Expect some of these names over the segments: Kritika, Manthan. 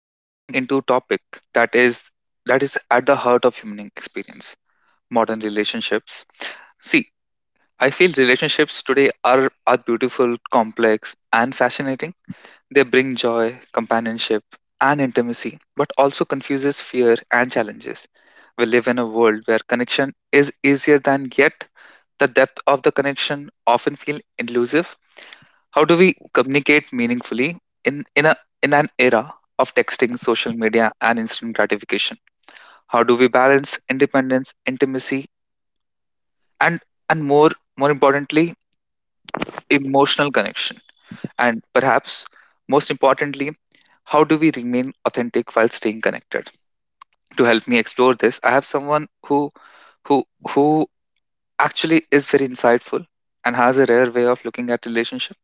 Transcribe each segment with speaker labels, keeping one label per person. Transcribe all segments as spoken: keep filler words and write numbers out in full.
Speaker 1: we are diving into a topic that is that is at the heart of human experience: modern relationships. See, I feel relationships today are are beautiful, complex, and fascinating. They bring joy, companionship, and intimacy, but also confuses fear and challenges. We live in a world where connection is easier than yet the depth of the connection often feel elusive. How do we communicate meaningfully in in a in an era of texting, social media, and instant gratification? How do we balance independence, intimacy, and and more more importantly, emotional connection? And perhaps most importantly, how do we remain authentic while staying connected? To help me explore this, I have someone who who who actually is very insightful and has a rare way of looking at relationships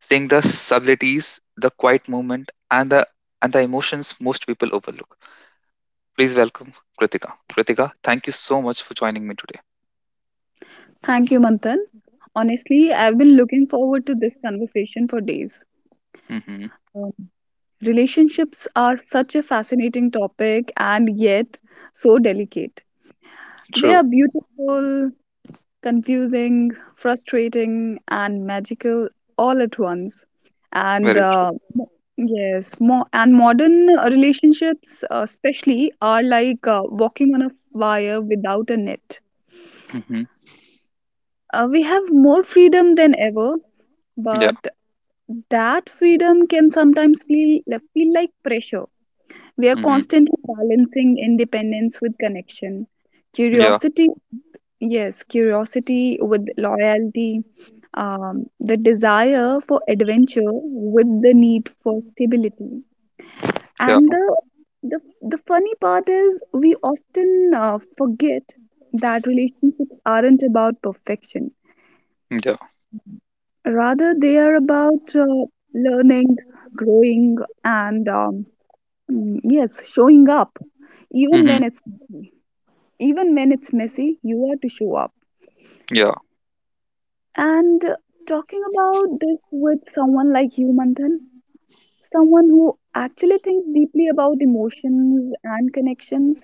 Speaker 1: seeing the subtleties, the quiet movement, and the and the emotions most people overlook. Please welcome Kritika. Kritika, thank you so much for joining me today.
Speaker 2: Thank you, Manthan. Honestly, I've been looking forward to this conversation for days.
Speaker 1: Mm-hmm.
Speaker 2: Um, Relationships are such a fascinating topic and yet so delicate. They
Speaker 1: True.
Speaker 2: are beautiful, confusing, frustrating, and magical all at once. And
Speaker 1: Very true.
Speaker 2: uh, mo- yes, mo and modern uh, relationships, uh, especially, are like uh, walking on a wire without a net.
Speaker 1: Mm-hmm.
Speaker 2: Uh, we have more freedom than ever,
Speaker 1: Yeah.
Speaker 2: but that freedom can sometimes feel feel like pressure. We are
Speaker 1: Mm-hmm.
Speaker 2: constantly balancing independence with connection,
Speaker 1: Yeah.
Speaker 2: curiosity, yes, curiosity with loyalty, um, the desire for adventure with the
Speaker 1: Mhm.
Speaker 2: need for stability.
Speaker 1: Yeah.
Speaker 2: And the the the funny part is we often uh, forget that relationships aren't about perfection.
Speaker 1: Yeah.
Speaker 2: Rather, they are about uh, learning, growing, and um, Mm, Yes, showing up. Even
Speaker 1: Mm-hmm.
Speaker 2: when it's messy. Even when it's messy, you are to show up.
Speaker 1: Yeah.
Speaker 2: And uh, talking about this with someone like you, Manthan, someone who actually thinks deeply about emotions and connections,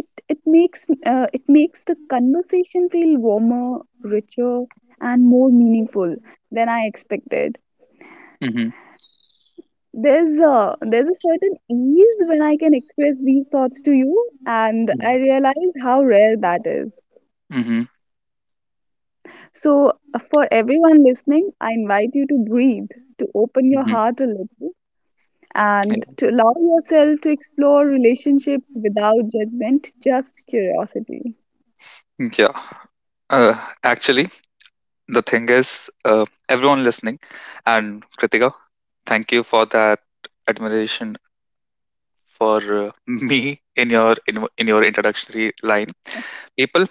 Speaker 2: it it makes uh, it makes the conversation feel warmer, richer, and more meaningful than I expected.
Speaker 1: Mm-hmm.
Speaker 2: There's a there's a certain ease when I can express these thoughts to you, and I realize how rare that is.
Speaker 1: Mm-hmm.
Speaker 2: So, uh, for everyone listening, I invite you to breathe, to open your
Speaker 1: Mm-hmm.
Speaker 2: heart a little, and
Speaker 1: Yeah.
Speaker 2: to allow yourself to explore relationships without judgment, just curiosity.
Speaker 1: Yeah. Uh, Actually, the thing is, uh, everyone listening, and Kritika, thank you for that admiration for uh, me in your in, in your introductory line, people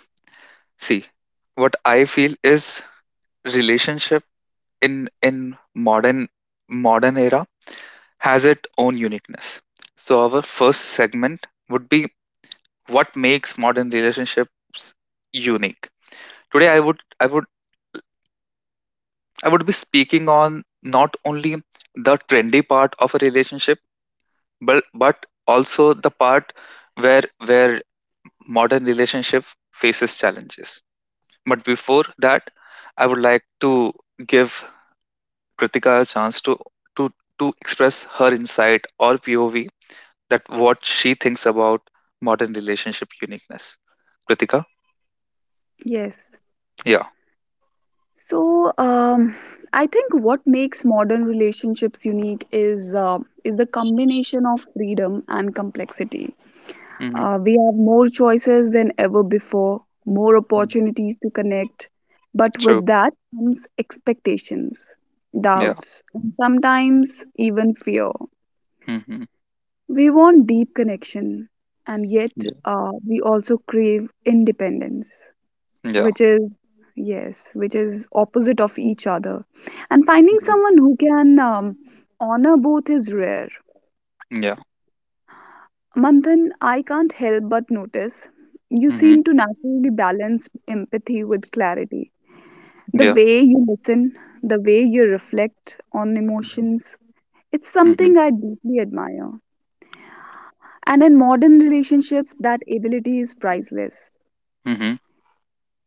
Speaker 1: see what I feel is relationship in in modern modern era has its own uniqueness. So our first segment would be: what makes modern relationships unique? Today i would i would i would be speaking on not only the trendy part of a relationship, but but also the part where where modern relationship faces challenges. But before that, I would like to give Kritika a chance to to to express her insight or P O V, that what she thinks about modern relationship uniqueness. Kritika,
Speaker 2: Yes.
Speaker 1: yeah,
Speaker 2: So, um, I think what makes modern relationships unique is uh, is the combination of freedom and complexity.
Speaker 1: mm-hmm.
Speaker 2: Uh, we have more choices than ever before, more opportunities to connect, but
Speaker 1: True,
Speaker 2: with that comes expectations,
Speaker 1: yeah,
Speaker 2: doubts, and sometimes even fear.
Speaker 1: mm-hmm.
Speaker 2: We want deep connection, and yet
Speaker 1: Yeah,
Speaker 2: uh, we also crave independence,
Speaker 1: yeah,
Speaker 2: which is yes which is opposite of each other. And finding
Speaker 1: mm-hmm.
Speaker 2: someone who can um, honor both is rare.
Speaker 1: Yeah,
Speaker 2: Manthan, I can't help but notice you
Speaker 1: mm-hmm.
Speaker 2: seem to naturally balance empathy with clarity. The
Speaker 1: Yeah,
Speaker 2: way you listen, the way you reflect on
Speaker 1: mm-hmm.
Speaker 2: emotions, it's
Speaker 1: Mm-hmm.
Speaker 2: something I deeply admire, and in modern relationships that ability is priceless.
Speaker 1: Mm-hmm.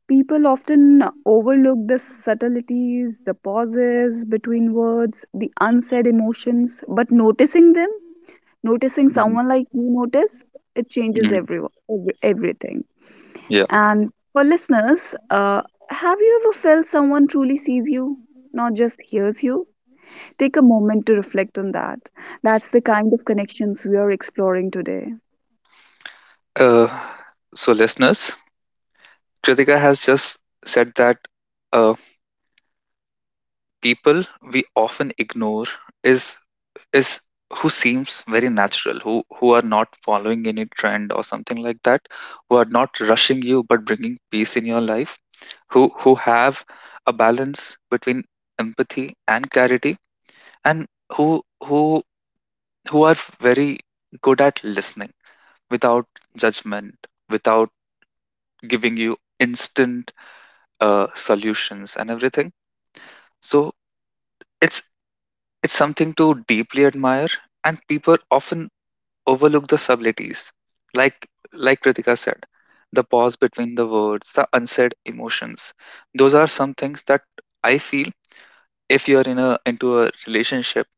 Speaker 2: People often overlook the subtleties, the pauses between words, the unsaid emotions, but noticing them, noticing someone like you notice, it changes
Speaker 1: Mm-hmm.
Speaker 2: everyone, every, everything.
Speaker 1: Yeah.
Speaker 2: And for listeners, uh, have you ever felt someone truly sees you, not just hears you? Take a moment to reflect on that. That's the kind of connections we are exploring today.
Speaker 1: Uh, so listeners, Kritika has just said that. Uh, People we often ignore is is who seems very natural, who who are not following any trend or something like that, who are not rushing you but bringing peace in your life, who who have a balance between empathy and clarity, and who who who are very good at listening without judgment, without giving you instant uh, solutions and everything. So it's It's something to deeply admire, and people often overlook the subtleties. Like like Kritika said, the pause between the words, the unsaid emotions. Those are some things that I feel if you're in a into a relationship,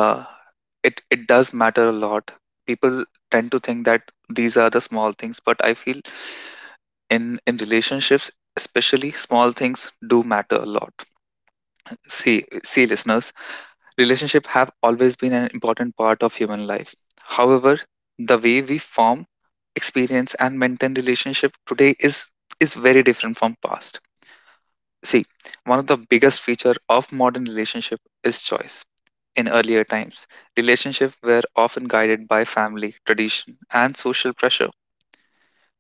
Speaker 1: uh, it it does matter a lot. People tend to think that these are the small things, but I feel in in relationships, especially, small things do matter a lot. See see listeners, relationships have always been an important part of human life. However, the way we form, experience, and maintain relationship today is is very different from past. See, one of the biggest feature of modern relationship is choice. In earlier times, relationships were often guided by family, tradition, and social pressure.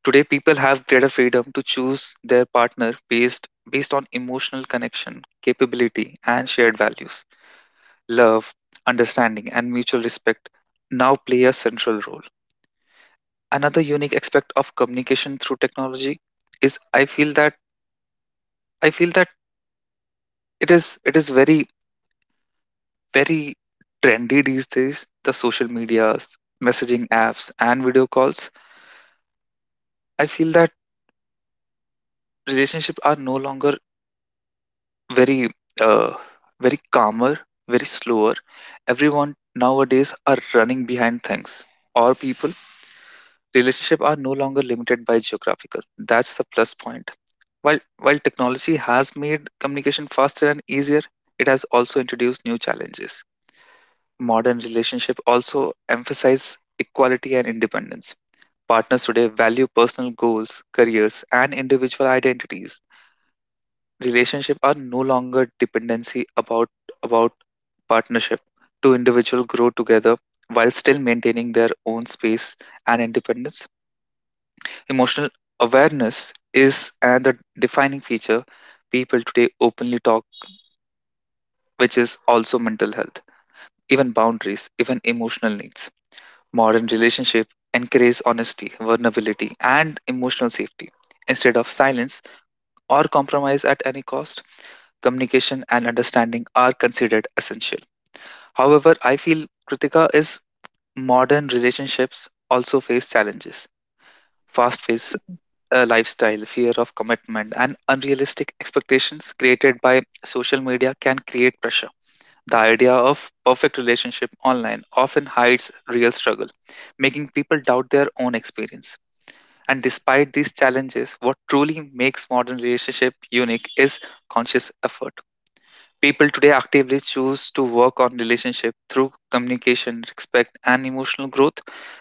Speaker 1: Today, people have greater freedom to choose their partner based based on emotional connection, capability, and shared values. Love, understanding, and mutual respect now play a central role. Another unique aspect of communication through technology is, I feel that I feel that it is it is very, very trendy these days. The social medias, messaging apps, and video calls. I feel that relationships are no longer very, uh, very calmer, very slower. Everyone nowadays are running behind things or people. Relationships are no longer limited by geographical. That's the plus point. While while technology has made communication faster and easier, it has also introduced new challenges. Modern relationships also emphasize equality and independence. Partners today value personal goals, careers, and individual identities. Relationships are no longer dependency about about partnership. Two individuals grow together while still maintaining their own space and independence. Emotional awareness is another defining feature. People today openly talk, which is also mental health, even boundaries, even emotional needs. Modern relationship encourage honesty, vulnerability, and emotional safety. Instead of silence or compromise at any cost, communication and understanding are considered essential. However, I feel, Kritika, is modern relationships also face challenges. Fast-paced uh, lifestyle, fear of commitment, and unrealistic expectations created by social media can create pressure. The idea of perfect relationship online often hides real struggle, making people doubt their own experience. And despite these challenges, what truly makes modern relationship unique is conscious effort. People today actively choose to work on relationship through communication, respect, and emotional growth.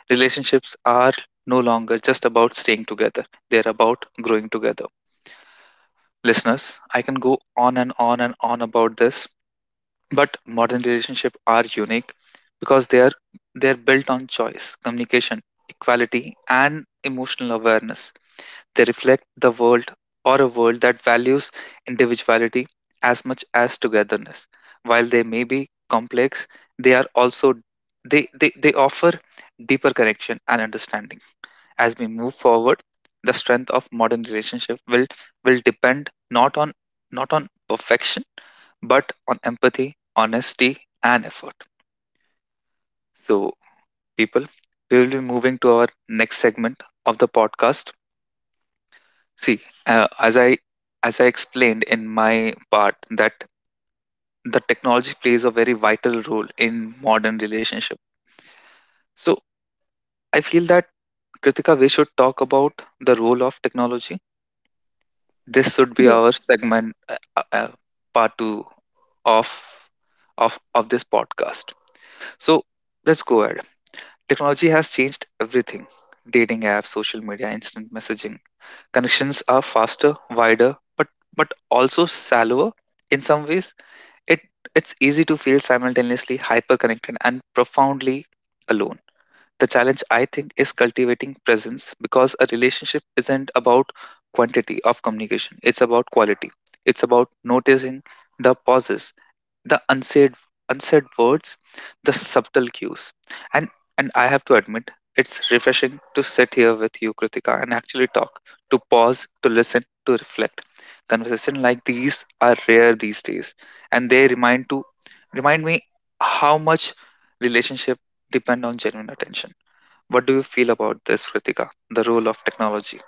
Speaker 1: Relationships are no longer just about staying together; they're about growing together. Listeners, I can go on and on and on about this, but modern relationships are unique because they are they are built on choice, communication, equality, and emotional awareness. They reflect the world or a world that values individuality as much as togetherness. While they may be complex, they are also they, they, they offer deeper connection and understanding. As we move forward, the strength of modern relationship will will depend not on not on perfection, but on empathy, honesty, and effort. So, people, we will be moving to our next segment of the podcast. See, uh, as I as I explained in my part that the technology plays a very vital role in modern relationship. So, I feel that, Kritika, we should talk about the role of technology. This should be our segment, uh, uh, uh, part two of of of this podcast. So let's go ahead. Technology has changed everything: dating apps, social media, instant messaging. Connections are faster, wider, but but also shallower. In some ways, it it's easy to feel simultaneously hyper connected and profoundly alone. The challenge, I think, is cultivating presence, because a relationship isn't about quantity of communication, it's about quality. It's about noticing the pauses, the unsaid unsaid words, the subtle cues. And and I have to admit, it's refreshing to sit here with you, Kritika, and actually talk, to pause, to listen, to reflect. Conversations like these are rare these days, and they remind to remind me how much relationship depend on genuine attention. What do you feel about this, Ritika? The role of technology?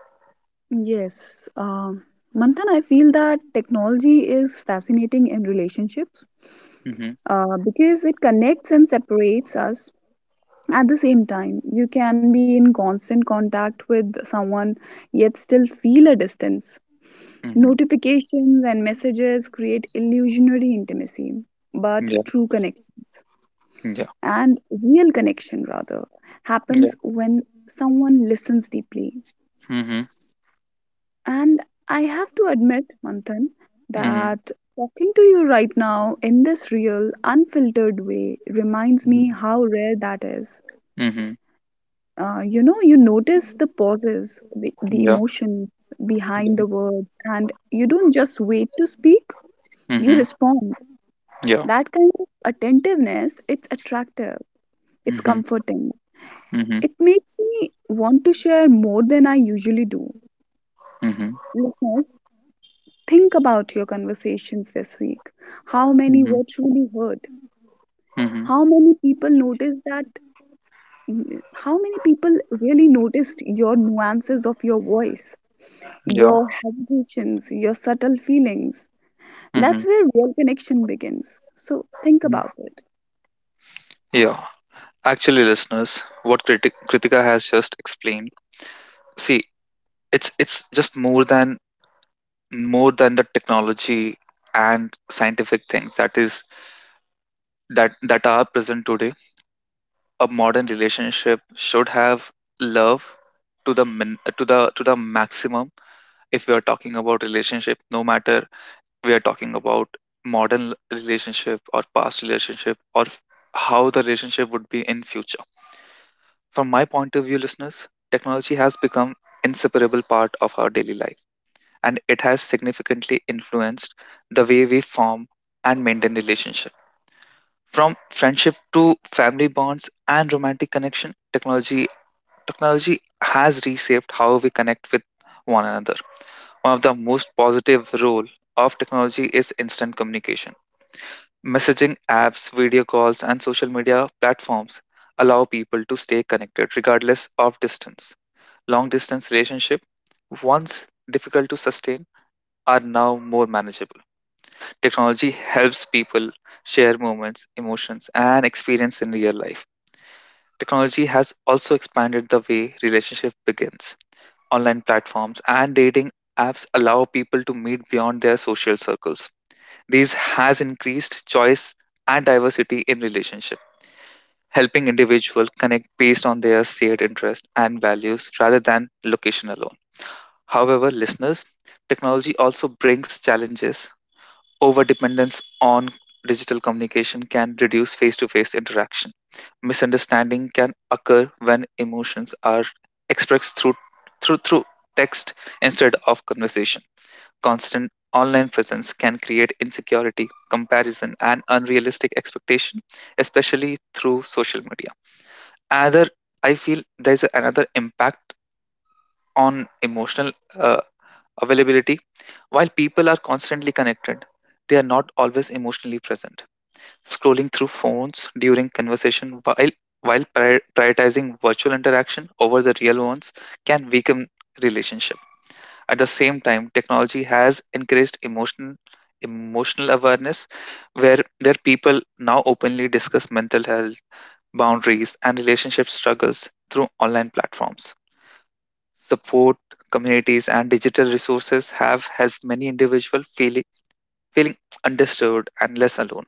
Speaker 2: Yes, um, Manthan, I feel that technology is fascinating in relationships
Speaker 1: Mm-hmm.
Speaker 2: uh, because it connects and separates us at the same time. You can be in constant contact with someone yet still feel a distance.
Speaker 1: Mm-hmm.
Speaker 2: Notifications and messages create illusionary intimacy, but
Speaker 1: Yeah.
Speaker 2: true connections
Speaker 1: Yeah.
Speaker 2: and real connection rather
Speaker 1: Yeah.
Speaker 2: happens when someone listens deeply.
Speaker 1: Mm-hmm.
Speaker 2: And I have to admit, Manthan,
Speaker 1: Mm-hmm.
Speaker 2: that talking to you right now in this real, unfiltered way reminds me how rare that is.
Speaker 1: Mm-hmm.
Speaker 2: Uh, you know, you notice the pauses, the, the
Speaker 1: Yeah.
Speaker 2: emotions
Speaker 1: Yeah.
Speaker 2: behind the words, and you don't just wait to speak, you
Speaker 1: Mm-hmm.
Speaker 2: respond.
Speaker 1: Yeah.
Speaker 2: That kind of attentiveness, it's attractive, it's
Speaker 1: Mm-hmm.
Speaker 2: comforting.
Speaker 1: Mm-hmm.
Speaker 2: It makes me want to share more than I usually do.
Speaker 1: Mm-hmm.
Speaker 2: Listeners, think about your conversations this week. How many
Speaker 1: Mm-hmm.
Speaker 2: were truly heard?
Speaker 1: Mm-hmm.
Speaker 2: How many people noticed that? How many people really noticed your nuances of your voice,
Speaker 1: Yeah.
Speaker 2: your hesitations, your subtle feelings?
Speaker 1: Mm-hmm.
Speaker 2: That's where real connection begins. So think
Speaker 1: Mm.
Speaker 2: about it.
Speaker 1: Yeah, actually, listeners, what Kriti- Kritika has just explained. See, it's it's just more than more than the technology and scientific things that is that that are present today. A modern relationship should have love to the min, to the to the maximum. If we are talking about relationship, no matter we are talking about modern l- relationship or past relationship or f- how the relationship would be in future, from my point of view, listeners, technology has become inseparable part of our daily life, and it has significantly influenced the way we form and maintain relationship. From friendship to family bonds and romantic connection, technology technology has reshaped how we connect with one another. One of the most positive role of technology is instant communication. Messaging apps, video calls, and social media platforms allow people to stay connected regardless of distance. Long distance relationship, once difficult to sustain, are now more manageable. Technology helps people share moments, emotions, and experience in real life. Technology has also expanded the way relationship begins. Online platforms and dating apps allow people to meet beyond their social circles. This has increased choice and diversity in relationship, helping individuals connect based on their shared interests and values rather than location alone. However, listeners, technology also brings challenges. Overdependence on digital communication can reduce face to face interaction. Misunderstanding can occur when emotions are expressed through, through, through text instead of conversation. Constant online presence can create insecurity, comparison, and unrealistic expectation, especially through social media. Another, I feel there's a- another impact on emotional uh, availability. While people are constantly connected, they are not always emotionally present. Scrolling through phones during conversation, while while prior- prioritizing virtual interaction over the real ones can weaken relationship. At the same time, technology has increased emotional emotional awareness, where where people now openly discuss mental health, boundaries, and relationship struggles through online platforms. Support communities and digital resources have helped many individuals feeling feeling understood and less alone.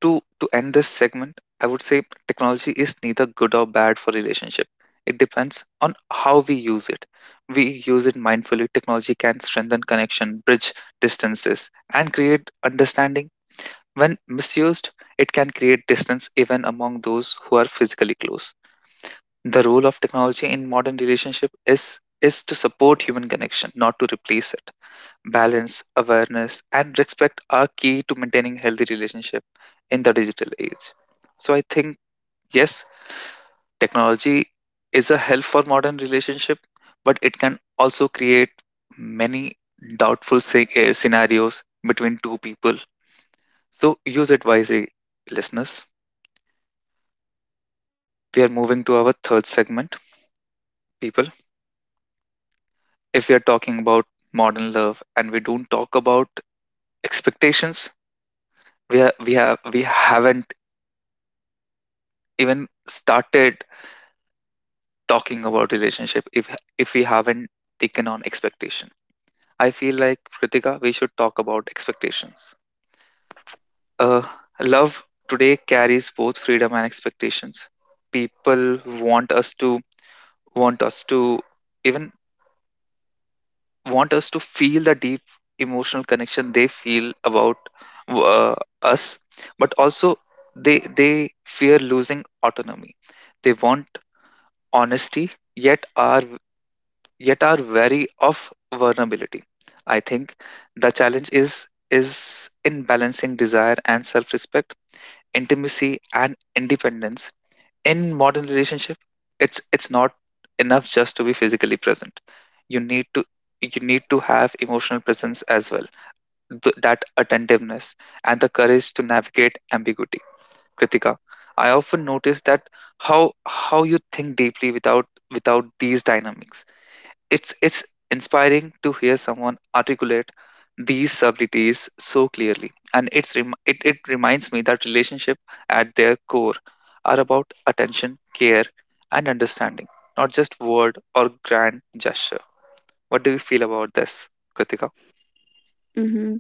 Speaker 1: To to end this segment, I would say technology is neither good or bad for relationship. It depends on how we use it. We use it mindfully. Technology can strengthen connection, bridge distances, and create understanding. When misused, it can create distance even among those who are physically close. The role of technology in modern relationship is is to support human connection, not to replace it. Balance, awareness, and respect are key to maintaining healthy relationship in the digital age. So I think, yes, technology is a help for modern relationship, but it can also create many doubtful sce- eh, scenarios between two people. So use it wisely, listeners. We are moving to our third segment, people. If we are talking about modern love and we don't talk about expectations, we are, we have we haven't even started talking about relationship if if we haven't taken on expectation. I feel like Kritika, we should talk about expectations. Uh, Love today carries both freedom and expectations. People want us to want us to even want us to feel the deep emotional connection they feel about uh, us, but also they they fear losing autonomy. They want honesty, yet are yet are wary of vulnerability. I think the challenge is is in balancing desire and self-respect, intimacy and independence. In modern relationship, it's it's not enough just to be physically present. You need to you need to have emotional presence as well. Th- that attentiveness and the courage to navigate ambiguity. Kritika, I often notice that how how you think deeply without without these dynamics, it's it's inspiring to hear someone articulate these subtleties so clearly, and it's rem- it it reminds me that relationship at their core are about attention, care, and understanding, not just word or grand gesture. What do you feel about this, Kritika?
Speaker 2: Mhm.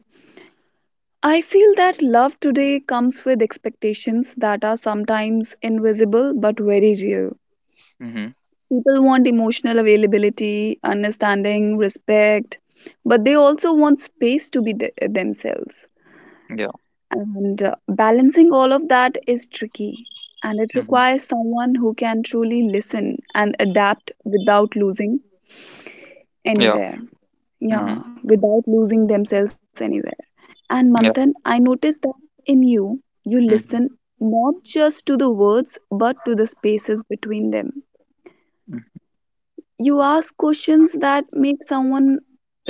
Speaker 2: I feel that love today comes with expectations that are sometimes invisible but very real.
Speaker 1: Hmm.
Speaker 2: People want emotional availability, understanding, respect, but they also want space to be th- themselves.
Speaker 1: Yeah.
Speaker 2: And uh, balancing all of that is tricky. And it
Speaker 1: Hmm.
Speaker 2: requires someone who can truly listen and adapt without losing
Speaker 1: Yeah.
Speaker 2: anywhere. Yeah,
Speaker 1: Hmm.
Speaker 2: without losing themselves anywhere. And Manthan,
Speaker 1: Yeah.
Speaker 2: I noticed that in you, you listen
Speaker 1: Hmm.
Speaker 2: not just to the words, but to the spaces between them. You ask questions that make someone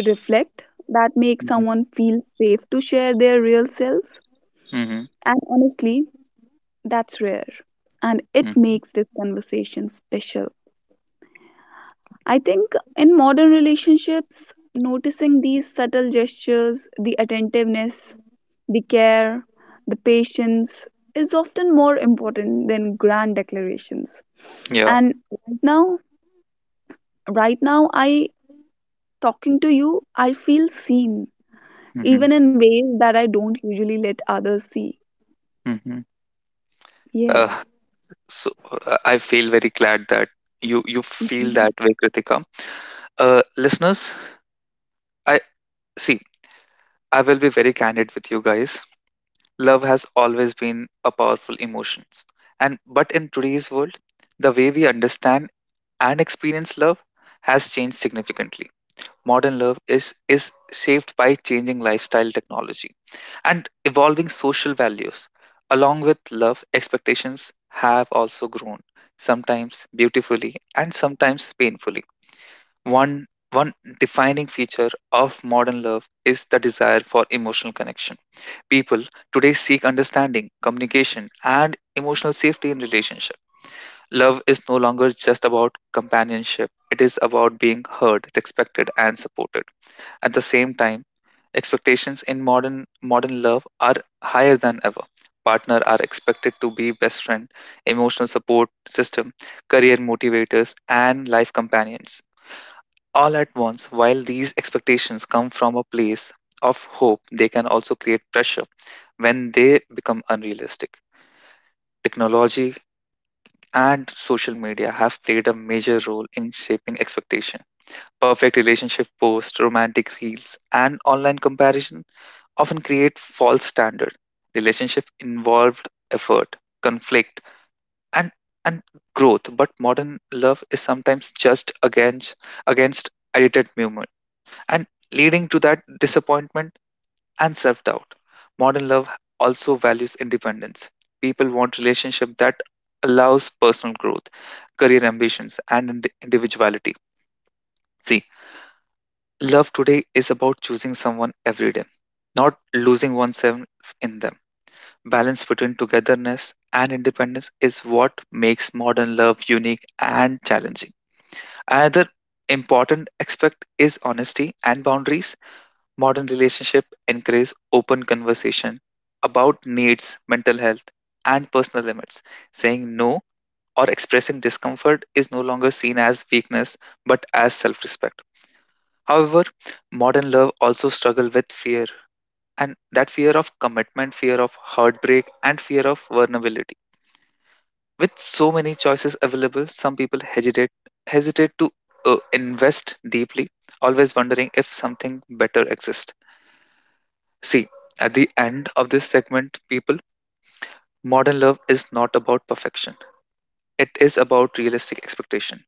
Speaker 2: reflect, that make
Speaker 1: Hmm.
Speaker 2: someone feel safe to share their real selves,
Speaker 1: Hmm.
Speaker 2: and honestly that's rare, and it
Speaker 1: Hmm.
Speaker 2: makes this conversation special. I think in modern relationships noticing these subtle gestures, the attentiveness, the care, the patience, is often more important than grand declarations.
Speaker 1: Yeah.
Speaker 2: And right now right now i talking to you, I feel seen,
Speaker 1: Hmm.
Speaker 2: even in ways that I don't usually let others see.
Speaker 1: Hmm. Uh,
Speaker 2: Yes.
Speaker 1: so uh, I feel very glad that you you feel
Speaker 2: Mhm.
Speaker 1: that way, Kritika. Uh, listeners, I see. I will be very candid with you guys. Love has always been a powerful emotion, and but in today's world, the way we understand and experience love has changed significantly. Modern love is is shaped by changing lifestyle, technology, and evolving social values. Along with love, expectations have also grown, sometimes beautifully and sometimes painfully. One one defining feature of modern love is the desire for emotional connection. People today seek understanding, communication, and emotional safety in relationship. Love is no longer just about companionship. It is about being heard, respected, and supported. At the same time, expectations in modern modern love are higher than ever. Partner are expected to be best friend, emotional support system, career motivators, and life companions, all at once. While these expectations come from a place of hope, they can also create pressure when they become unrealistic. Technology and social media have played a major role in shaping expectation. Perfect relationship posts, romantic reels, and online comparison often create false standard. Relationship involved effort, conflict, and and growth, but modern love is sometimes just against against edited movement, and leading to that disappointment and self-doubt. Modern love also values independence. People want relationship that allows personal growth, career ambitions, and ind- individuality. See, love today is about choosing someone every day, not losing oneself in them. Balance between togetherness and independence is what makes modern love unique and challenging. Another important aspect is honesty and boundaries. Modern relationships encourage open conversation about needs, mental health, and personal limits. Saying no or expressing discomfort is no longer seen as weakness, but as self-respect. However, modern love also struggle with fear, and that fear of commitment, fear of heartbreak, and fear of vulnerability. With so many choices available, some people hesitate, hesitate to uh, invest deeply, always wondering if something better exists. See, at the end of this segment, people, modern love is not about perfection. It is about realistic expectation.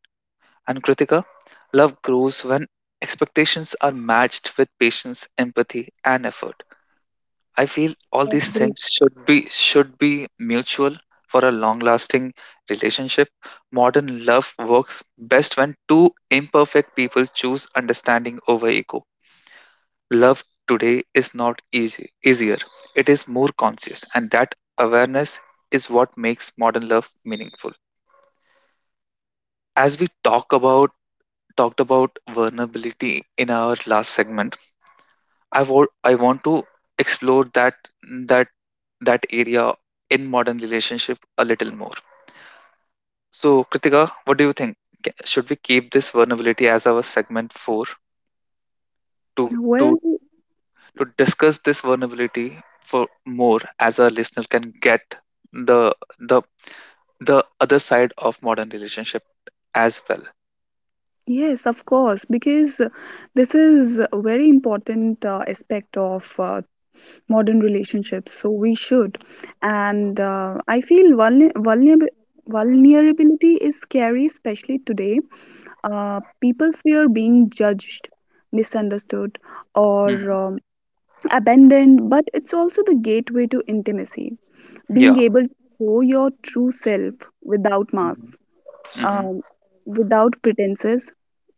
Speaker 1: And Kritika, love grows when expectations are matched with patience, empathy, and effort. I feel all these
Speaker 2: Agree.
Speaker 1: things should be should be mutual for a long-lasting relationship. Modern love works best when two imperfect people choose understanding over ego. Love today is not easy easier. It is more conscious, and that awareness is what makes modern love meaningful. As we talk about talked about vulnerability in our last segment, I want I want to explore that that that area in modern relationship a little more. So Kritika, what do you think? Ca- Should we keep this vulnerability as our segment four to to
Speaker 2: Well,
Speaker 1: to discuss this vulnerability for more, as our listener can get the the the other side of modern relationship as well.
Speaker 2: yes, of course, because this is a very important uh, aspect of uh, modern relationships. So we should, and uh, I feel vulner- vulnerab- vulnerability is scary, especially today. Uh, people fear being judged, misunderstood, or
Speaker 1: Hmm.
Speaker 2: um, abandoned, but it's also the gateway to intimacy. Being
Speaker 1: Yeah.
Speaker 2: able to show your true self without masks,
Speaker 1: Mm-hmm. Hmm.
Speaker 2: um, without pretenses,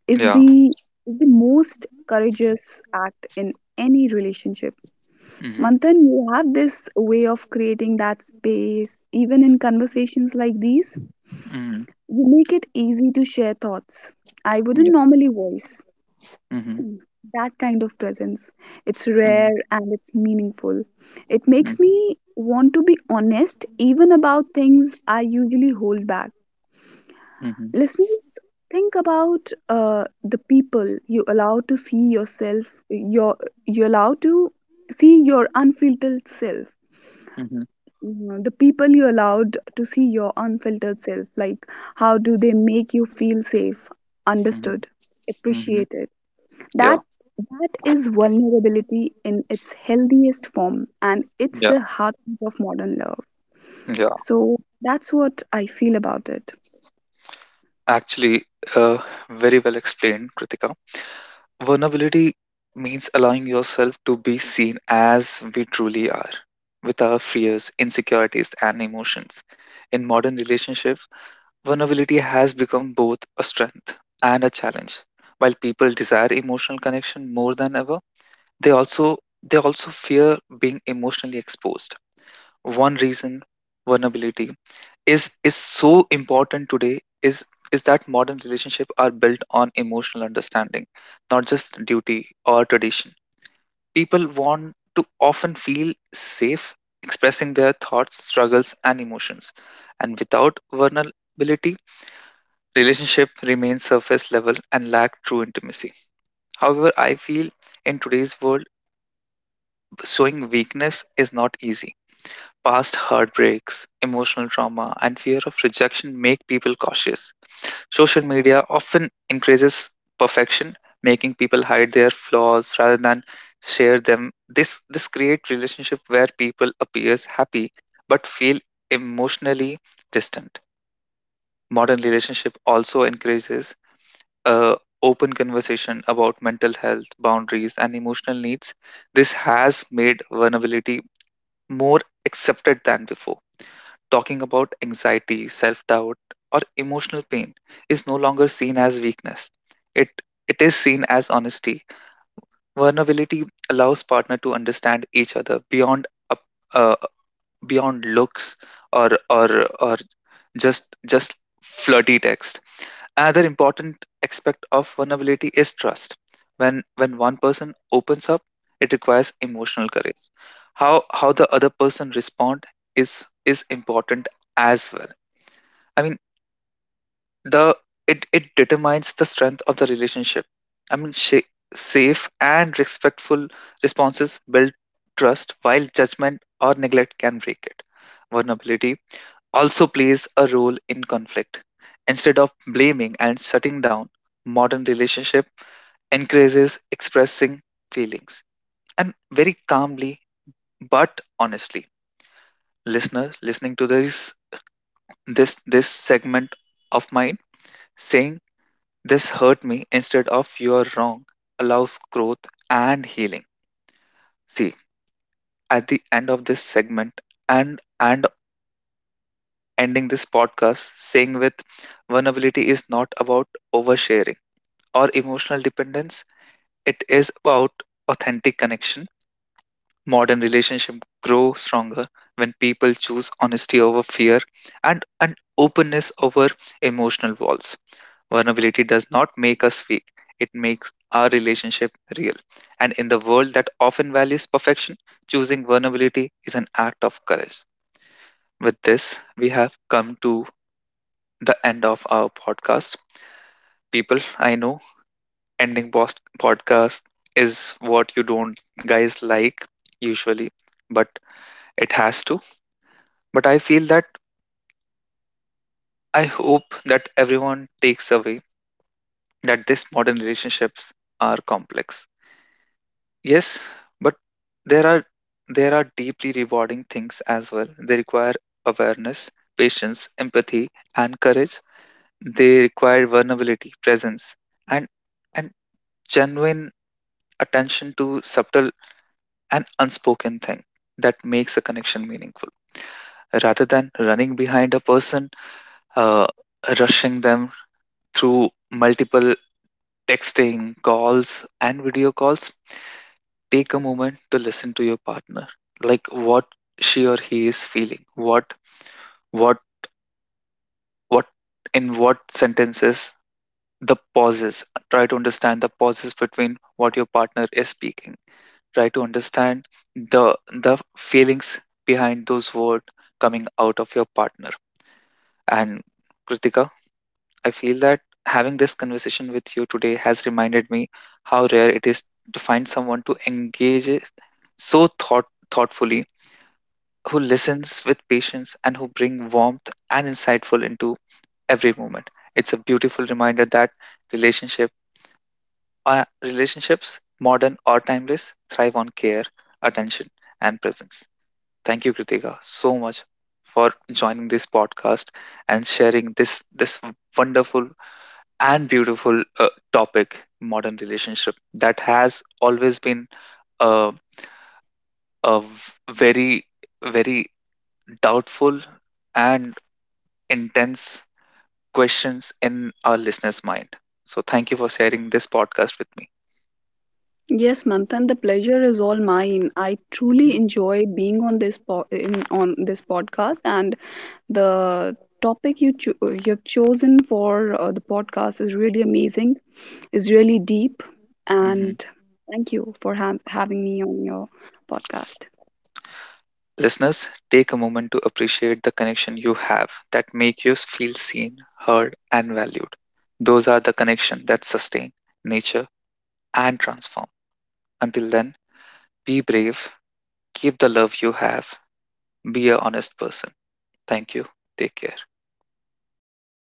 Speaker 2: is
Speaker 1: Yeah.
Speaker 2: the is the most courageous act in any relationship.
Speaker 1: Hmm.
Speaker 2: Manthan, you have this way of creating that space, even in conversations like these.
Speaker 1: Hmm.
Speaker 2: You make it easy to share thoughts I wouldn't
Speaker 1: Yeah.
Speaker 2: normally voice.
Speaker 1: Hmm.
Speaker 2: That kind of presence, it's
Speaker 1: Hmm.
Speaker 2: rare and it's meaningful. It makes me want to be honest even about things I usually hold back.
Speaker 1: Hmm.
Speaker 2: Listeners, think about uh, the people you allow to see yourself, your, you allow to see your unfiltered self.
Speaker 1: Hmm.
Speaker 2: Mm, the people you allowed to see your unfiltered self, like how do they make you feel safe, understood,
Speaker 1: Hmm. Hmm.
Speaker 2: appreciated? That
Speaker 1: Yeah.
Speaker 2: that is vulnerability in its healthiest form, and it's
Speaker 1: Yeah,
Speaker 2: the heartbeat of modern love.
Speaker 1: yeah.
Speaker 2: So that's what I feel about it.
Speaker 1: Actually, uh, very well explained, Kritika. Vulnerability means allowing yourself to be seen as we truly are, with our fears, insecurities, and emotions. In modern relationships, vulnerability has become both a strength and a challenge. While people desire emotional connection more than ever, they also they also fear being emotionally exposed. One reason vulnerability is is so important today is is that modern relationship are built on emotional understanding, not just duty or tradition. People want to often feel safe expressing their thoughts, struggles, and emotions, and without vulnerability, relationship remains surface level and lack true intimacy. However, I feel in today's world, showing weakness is not easy. Past heartbreaks, emotional trauma, and fear of rejection make people cautious. Social media often increases perfection, making people hide their flaws rather than share them. This this creates relationship where people appears happy but feel emotionally distant. Modern relationship also encourages uh, open conversation about mental health, boundaries, and emotional needs. This has made vulnerability more accepted than before. Talking about anxiety, self doubt, or emotional pain is no longer seen as weakness. It, it is seen as honesty. Vulnerability allows partner to understand each other beyond up- uh, beyond looks or or or just just flirty text. Another important aspect of vulnerability is trust. When when one person opens up, it requires emotional courage. How how the other person respond is is important as well. I mean, the it it determines the strength of the relationship. I mean, sh- safe and respectful responses build trust, while judgment or neglect can break it. Vulnerability also plays a role in conflict. Instead of blaming and shutting down, modern relationship encourages expressing feelings, and very calmly but honestly. Listener listening to this this this segment of mine, saying "this hurt me" instead of "you're wrong" allows growth and healing. See, at the end of this segment, and and ending this podcast saying, with vulnerability, is not about oversharing or emotional dependence. It is about authentic connection. Modern relationships grow stronger when people choose honesty over fear, and, and openness over emotional walls. Vulnerability does not make us weak, it makes our relationship real. And in the world that often values perfection, choosing vulnerability is an act of courage. With this, we have come to the end of our podcast. People, I know ending post- podcast is what you don't guys like usually, but it has to. But I feel that I hope that everyone takes away that these modern relationships are complex. Yes, but there are there are deeply rewarding things as well. They require awareness, patience, empathy, and courage. They require vulnerability, presence, and and genuine attention to subtle an unspoken thing that makes a connection meaningful, rather than running behind a person, uh, rushing them through multiple texting, calls, and video calls. Take a moment to listen to your partner, like what she or he is feeling, what what what in what sentences, the pauses. Try to understand the pauses between what your partner is speaking. Try to understand the the feelings behind those words coming out of your partner. And Kritika, I feel that having this conversation with you today has reminded me how rare it is to find someone to engage it so thought thoughtfully, who listens with patience and who bring warmth and insightful into every moment. It's a beautiful reminder that relationship uh, relationships, modern or timeless, thrive on care, attention, and presence. Thank you, Kritika, so much for joining this podcast and sharing this this wonderful and beautiful uh, topic, modern relationship, that has always been a, a v- very very doubtful and intense questions in our listeners' mind. So thank you for sharing this podcast with me.
Speaker 2: Yes, Manthan, the pleasure is all mine. I truly
Speaker 1: Mhm.
Speaker 2: enjoy being on this po- in, on this podcast, and the topic you cho- you've chosen for uh, the podcast is really amazing, is really deep. And
Speaker 1: Mhm.
Speaker 2: thank you for ha- having me on your podcast.
Speaker 1: Listeners, take a moment to appreciate the connection you have that make you feel seen, heard, and valued. Those are the connections that sustain, nature, and transform. Until then, be brave, keep the love you have, be a honest person. Thank you. Take care.